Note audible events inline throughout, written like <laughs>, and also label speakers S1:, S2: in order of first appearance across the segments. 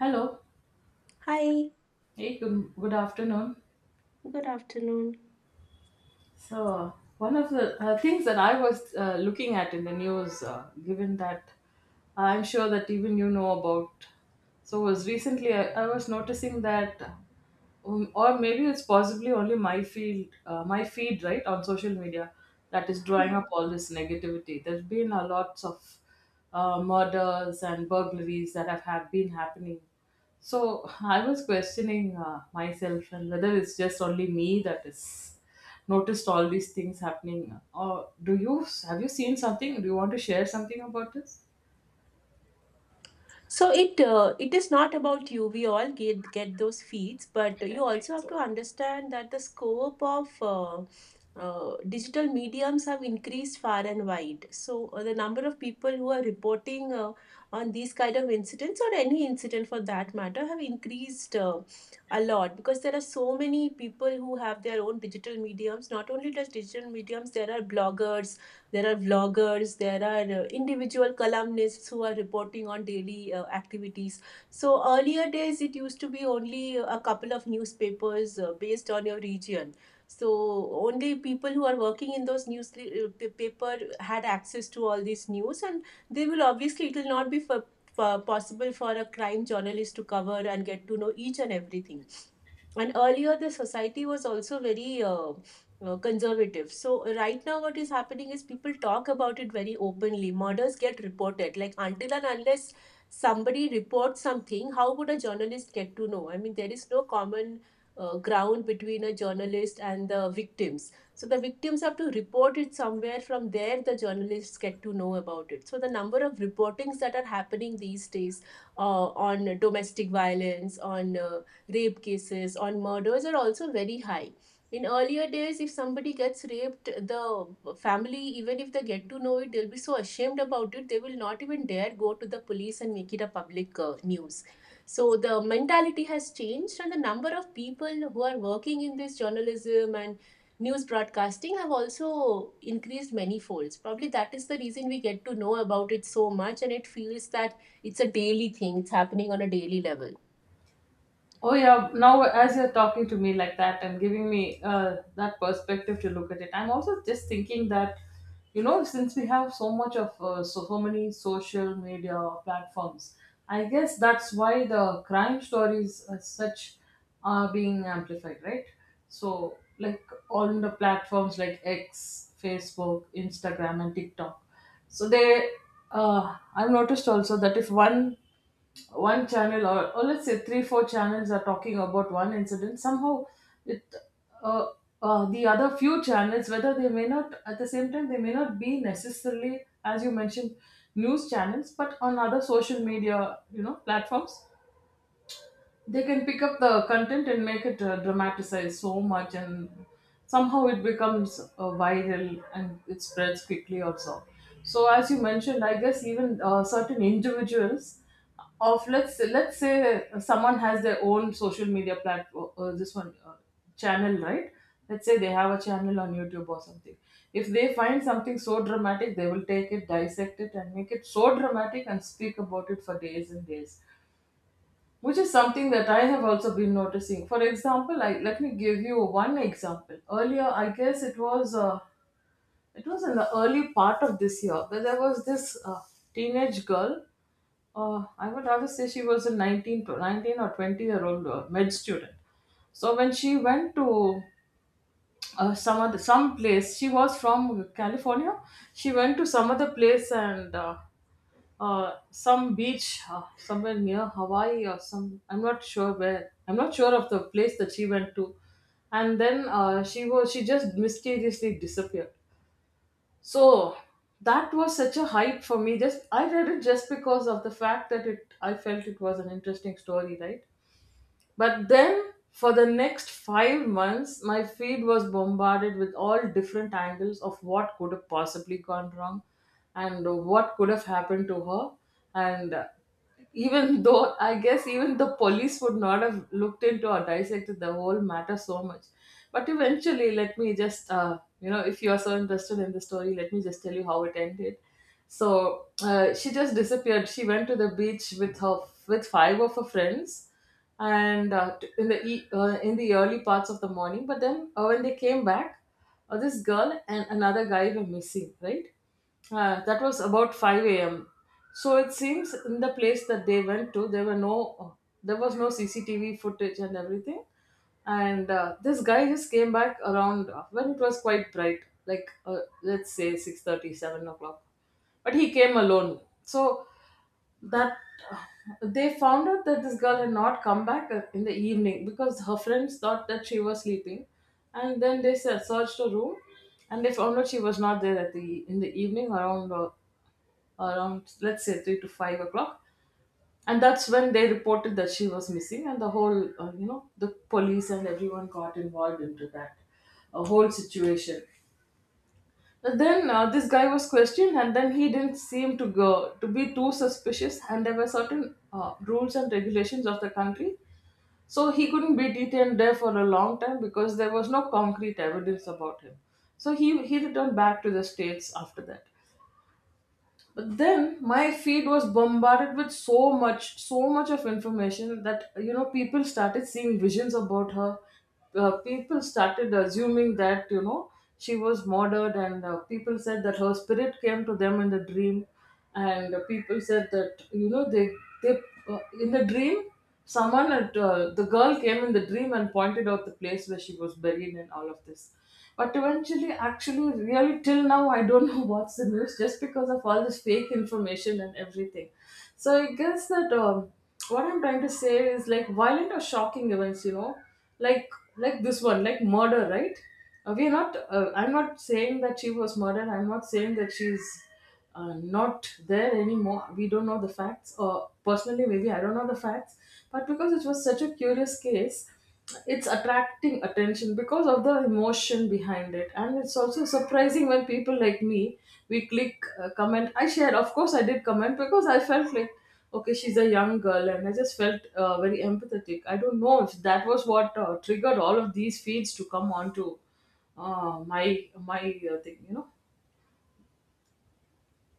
S1: Hello.
S2: Hi,
S1: Hey, good, good afternoon.
S2: good afternoon.
S1: So, one of the things that I was looking at in the news, given that I'm sure that even you know about, so was recently I was noticing that, or maybe it's possibly only my my feed, right, on social media that is drawing up
S2: Mhm.
S1: all this negativity. There's been a lots of murders and burglaries that have been happening. So I was questioning myself and whether it's just only me that is noticed all these things happening. Or do you have you seen something? Do you want to share something about this?
S2: So it is not about you. We all get those feeds, but you also have to understand that the scope of digital mediums have increased far and wide. So the number of people who are reporting on these kind of incidents or any incident for that matter have increased a lot because there are so many people who have their own digital mediums. Not only just digital mediums, there are bloggers, there are vloggers, there are individual columnists who are reporting on daily activities. So earlier days it used to be only a couple of newspapers based on your region, so only people who are working in those newspaper had access to all these news, and they will obviously, it will not be possible for a crime journalist to cover and get to know each and everything. And earlier the society was also very conservative. So right now, what is happening is people talk about it very openly. Murders get reported. Like, until and unless somebody reports something, how would a journalist get to know? I mean, there is no common ground between a journalist and the victims. So the victims have to report it somewhere. From there, the journalists get to know about it. So the number of reportings that are happening these days on domestic violence, on rape cases, on murders are also very high. In earlier days, if somebody gets raped, the family, even if they get to know it, they'll be so ashamed about it, they will not even dare go to the police and make it a public news. So the mentality has changed, and the number of people who are working in this journalism and news broadcasting have also increased many folds. Probably that is the reason we get to know about it so much, and it feels that it's a daily thing, it's happening on a daily level.
S1: Oh yeah, now as you're talking to me like that and giving me that perspective to look at it, I'm also just thinking that, you know, since we have so much of so many social media platforms, I guess that's why the crime stories as such are being amplified, right? So like on the platforms like X, Facebook, Instagram, and TikTok. So I've noticed also that if one channel or let's say three four channels are talking about one incident somehow with uh, the other few channels, whether they may not at the same time, they may not be necessarily, as you mentioned, news channels, but on other social media, you know, platforms, they can pick up the content and make it dramatized so much, and somehow it becomes viral and it spreads quickly also. So as you mentioned, I guess even certain individuals of let's say someone has their own social media platform this one channel, right? Let's say they have a channel on YouTube or something. If they find something so dramatic, they will take it, dissect it, and make it so dramatic and speak about it for days and days, which is something that I have also been noticing. For example, I let me give you one example. Earlier, I guess it was in the early part of this year that there was this teenage girl. I would rather say she was a 19 or 20-year-old med student. So when she went to some place, she was from California. She went to some other place and some beach somewhere near Hawaii or some. I'm not sure where. I'm not sure of the place that she went to, and then she just mysteriously disappeared. So that was such a hype for me. Just I read it just because of the fact that it. I felt it was an interesting story, right? But then, for the next 5 months, my feed was bombarded with all different angles of what could have possibly gone wrong and what could have happened to her. And even <laughs> though, I guess, even the police would not have looked into or dissected the whole matter so much. But eventually, let me just, you know, if you are so interested in the story, let me just tell you how it ended. So she just disappeared. She went to the beach with five of her friends and in the early parts of the morning, but then when they came back, this girl and another guy were missing, right? Uh, that was about 5 a.m. So it seems in the place that they went to there were there was no CCTV footage and everything, and this guy just came back around when it was quite bright, like let's say 6:30, 7 o'clock, but he came alone. So that they found out that this girl had not come back in the evening because her friends thought that she was sleeping, and then they searched her room, and they found out she was not there at the evening around let's say 3 to 5 o'clock, and that's when they reported that she was missing, and the whole you know, the police and everyone got involved into that a whole situation. And then this guy was questioned, and then he didn't seem to be too suspicious. And there were certain rules and regulations of the country, so he couldn't be detained there for a long time because there was no concrete evidence about him. So he returned back to the states after that. But then my feed was bombarded with so much, so much of information that, you know, people started seeing visions about her. People started assuming that, you know, she was murdered, and people said that her spirit came to them in the dream, and people said that you know they in the dream the girl came in the dream and pointed out the place where she was buried and all of this. But eventually, actually, really till now, I don't know what's the news just because of all this fake information and everything. So I guess that what I'm trying to say is like violent or shocking events, you know, like like this one, like murder, right? We're not. I'm not saying that she was murdered. I'm not saying that she's not there anymore. We don't know the facts, or personally, maybe I don't know the facts. But because it was such a curious case, it's attracting attention because of the emotion behind it, and it's also surprising when people like me, we click, comment. I shared. Of course I did comment because I felt like, okay, she's a young girl, and I just felt very empathetic. I don't know if that was what triggered all of these feeds to come onto my my thing, you know.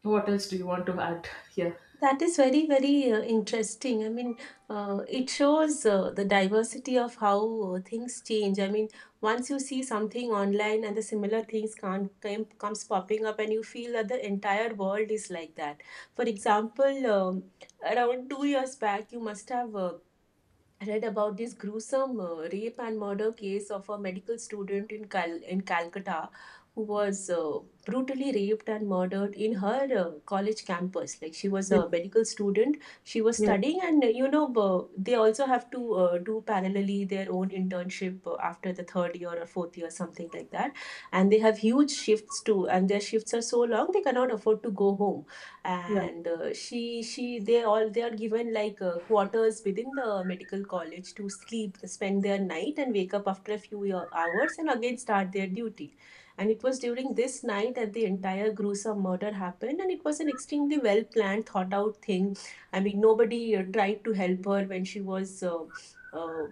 S1: What else do you want to add here?
S2: That is very, very interesting. I mean, it shows the diversity of how things change. I mean, once you see something online and the similar things comes popping up, and you feel that the entire world is like that. For example, around 2 years back, you must have read about this gruesome rape and murder case of a medical student in Calcutta, who was brutally raped and murdered in her college campus. Like, she was
S1: Yes,
S2: a medical student, she was
S1: yes.
S2: studying, and you know, they also have to do parallelly their own internship after the third year or fourth year, something like that. And they have huge shifts too, and their shifts are so long they cannot afford to go home.
S1: Yeah.
S2: And she they all they are given like quarters within the medical college to sleep, spend their night and wake up after a few hours and again start their duty. And it was during this night that the entire gruesome murder happened, and it was an extremely well planned, thought out thing. I mean, nobody tried to help her when she was uh,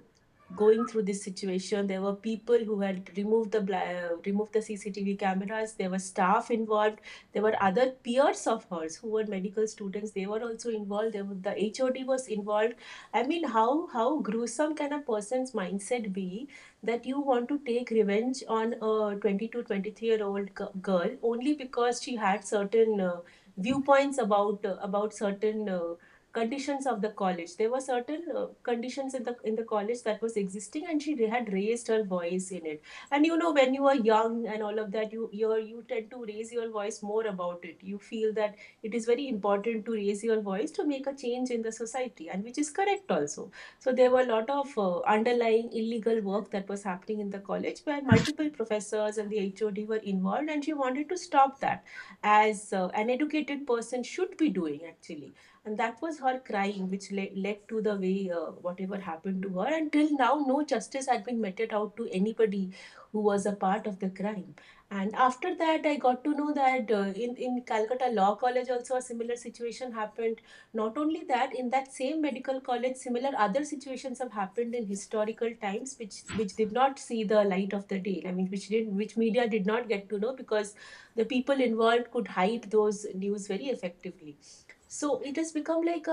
S2: going through this situation. There were people who had removed the removed the CCTV cameras, there were staff involved, there were other peers of hers who were medical students. They were also involved. There were, the HOD was involved. I mean, how gruesome can a person's mindset be that you want to take revenge on a 2223 year old girl only because she had certain viewpoints about certain conditions of the college. There were certain conditions in the college that was existing, and she had raised her voice in it. And you know, when you are young and all of that, you tend to raise your voice more about it, you feel that it is very important to raise your voice to make a change in the society, and which is correct also. So there were a lot of underlying illegal work that was happening in the college where multiple professors and the HOD were involved, and she wanted to stop that, as an educated person should be doing actually. And that was her crying which led to the way whatever happened to her. Until now no justice had been meted out to anybody who was a part of the crime. And after that, I got to know that in Calcutta Law College also a similar situation happened. Not only that, in that same medical college, similar other situations have happened in historical times, which did not see the light of the day. I mean, which didn't, which media did not get to know, because the people involved could hide those news very effectively. So it has become like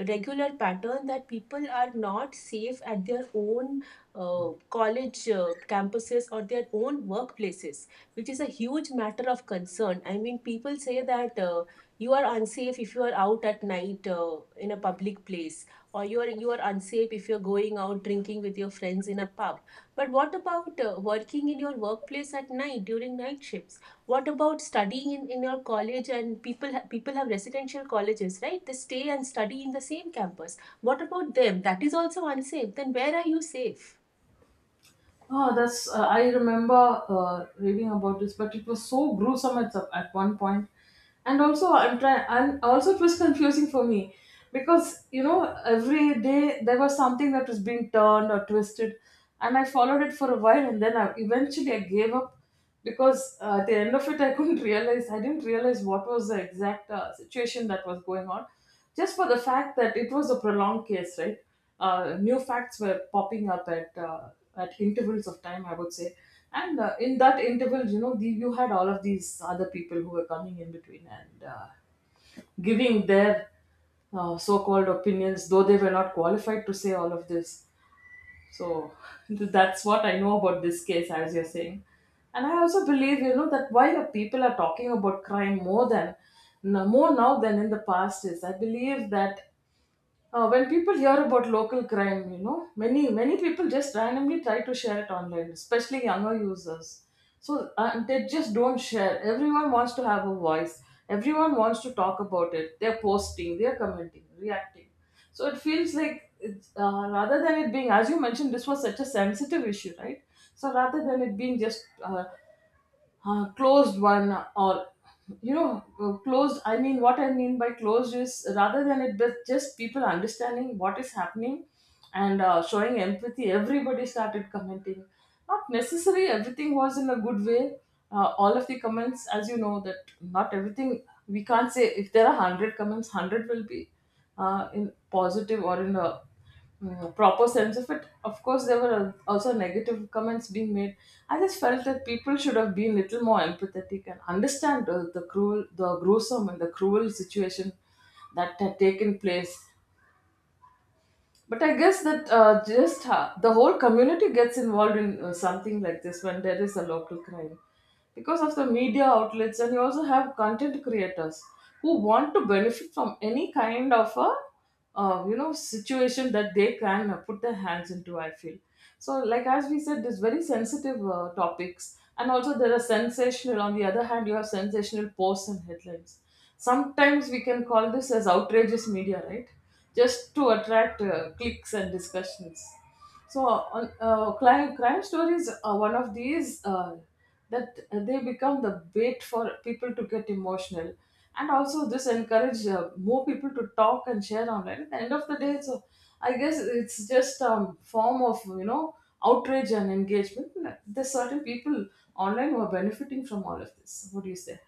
S2: a regular pattern that people are not safe at their own college campuses or their own workplaces, which is a huge matter of concern. I mean, people say that you are unsafe if you are out at night in a public place, or you are unsafe if you're going out drinking with your friends in a pub. But what about working in your workplace at night during night shifts? What about studying in your college, and people people have residential colleges, right? They stay and study in the same campus. What about them? That is also unsafe. Then where are you safe?
S1: Oh, that's I remember reading about this, but it was so gruesome at one point. And also, I'm trying. And also, it was <laughs> confusing for me because, you know, every day there was something that was being turned or twisted, and I followed it for a while, and eventually I gave up because at the end of it, I couldn't realize I didn't realize what was the exact situation that was going on, just for the fact that it was a prolonged case, right? Uh, new facts were popping up at intervals of time, I would say. And in that interval, you know, you had all of these other people who were coming in between and giving their so-called opinions, though they were not qualified to say all of this. So <laughs> that's what I know about this case, as you're saying. And I also believe, you know, that why the people are talking about crime more than more now than in the past is I believe that when people hear about local crime, you know, many people just randomly try to share it online, especially younger users. So they just don't share. Everyone wants to have a voice. Everyone wants to talk about it. They're posting, they're commenting, reacting. So it feels like rather than it being, as you mentioned, this was such a sensitive issue, right? So rather than it being just closed one, or closed, I mean what I mean by closed is rather than it but just people understanding what is happening and showing empathy, everybody started commenting. Not necessarily everything was in a good way. Uh, all of the comments, as you know, that not everything, we can't say if there are 100 comments, 100 will be in positive or in a proper sense of it. Of course, there were also negative comments being made. I just felt that people should have been little more empathetic and understand the gruesome, and the cruel situation that had taken place. But I guess that the whole community gets involved in something like this when there is a local crime. Because of the media outlets, and you also have content creators who want to benefit from any kind of a situation that they can put their hands into, I feel so. Like as we said, this very sensitive topics, and also there are sensational. On the other hand, you have sensational posts and headlines. Sometimes we can call this as outrageous media, right? Just to attract clicks and discussions. So, on crime stories are one of these that they become the bait for people to get emotional, and also this encourage more people to talk and share online. At the end of the day, so I guess it's just a form of, you know, outrage and engagement. There's certain people online who are benefiting from all of this. What do you say?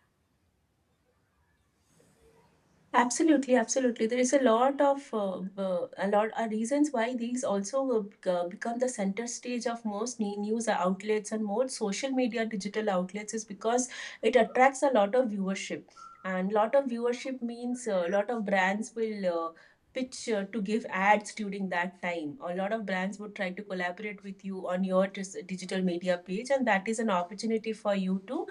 S2: Absolutely, absolutely. There is a lot of a lot are reasons why these also will become the center stage of most news outlets and more social media digital outlets, is because it attracts a lot of viewership, and lot of viewership means a lot of brands will pitch to give ads during that time. A lot of brands would try to collaborate with you on your digital media page, and that is an opportunity for you to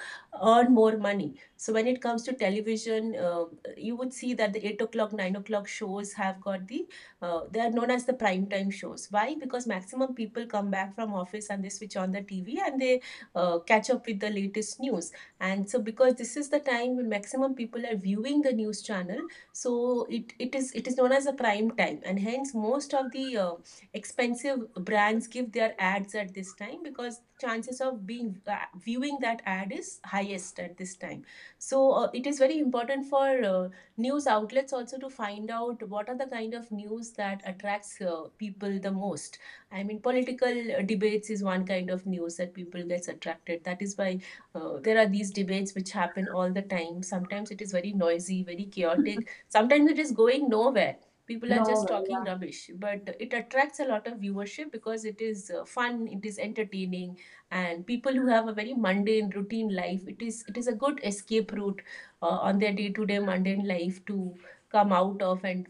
S2: earn more money. So when it comes to television, you would see that the 8 o'clock, 9 o'clock shows have got they are known as the prime time shows. Why? Because maximum people come back from office and they switch on the TV and they catch up with the latest news. And so because this is the time when maximum people are viewing the news channel, so it, it is known as a prime time. And hence most of the expensive brands give their ads at this time, because chances of being viewing that ad is highest at this time. So it is very important for news outlets also to find out what are the kind of news that attracts people the most. I mean, political debates is one kind of news that people gets attracted. That is why there are these debates which happen all the time. Sometimes it is very noisy, very chaotic. Sometimes it is going nowhere. People are just talking
S1: No,
S2: rubbish, but it attracts a lot of viewership because it is fun, it is entertaining, and people who have a very mundane routine life, it is a good escape route on their day-to-day mundane life to come out of, and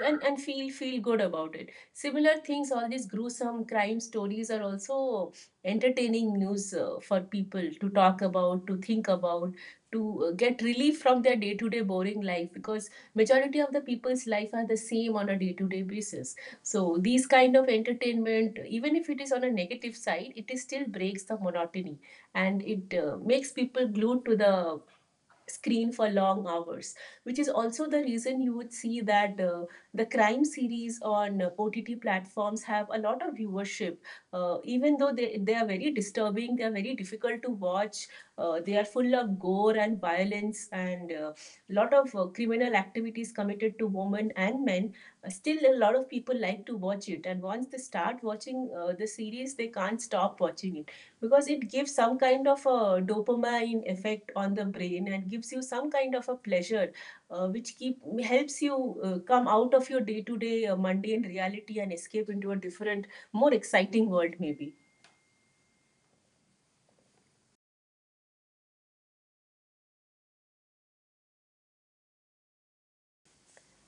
S2: and, and feel good about it. Similar things, all these gruesome crime stories are also entertaining news for people to talk about, to think about, to get relief from their day-to-day boring life, because majority of the people's life are the same on a day-to-day basis. So these kind of entertainment, even if it is on a negative side, it is still breaks the monotony, and it makes people glued to the screen for long hours, which is also the reason you would see that the crime series on OTT platforms have a lot of viewership. Even though they are very disturbing, they are very difficult to watch, they are full of gore and violence and a lot of criminal activities committed to women and men. Still, a lot of people like to watch it. And once they start watching the series, they can't stop watching it because it gives some kind of a dopamine effect on the brain and gives you some kind of a pleasure, which keep helps you come out of your day to day mundane reality and escape into a different, more exciting world maybe.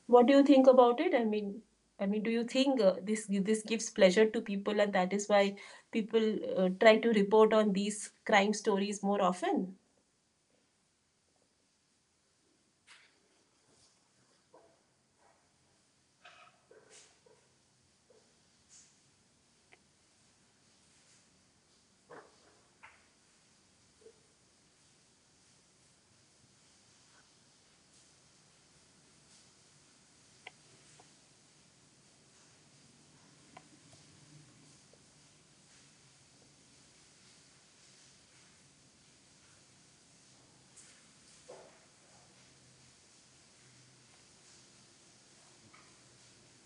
S2: What do you think about it? I mean, do you think this gives pleasure to people, and that is why people try to report on these crime stories more often?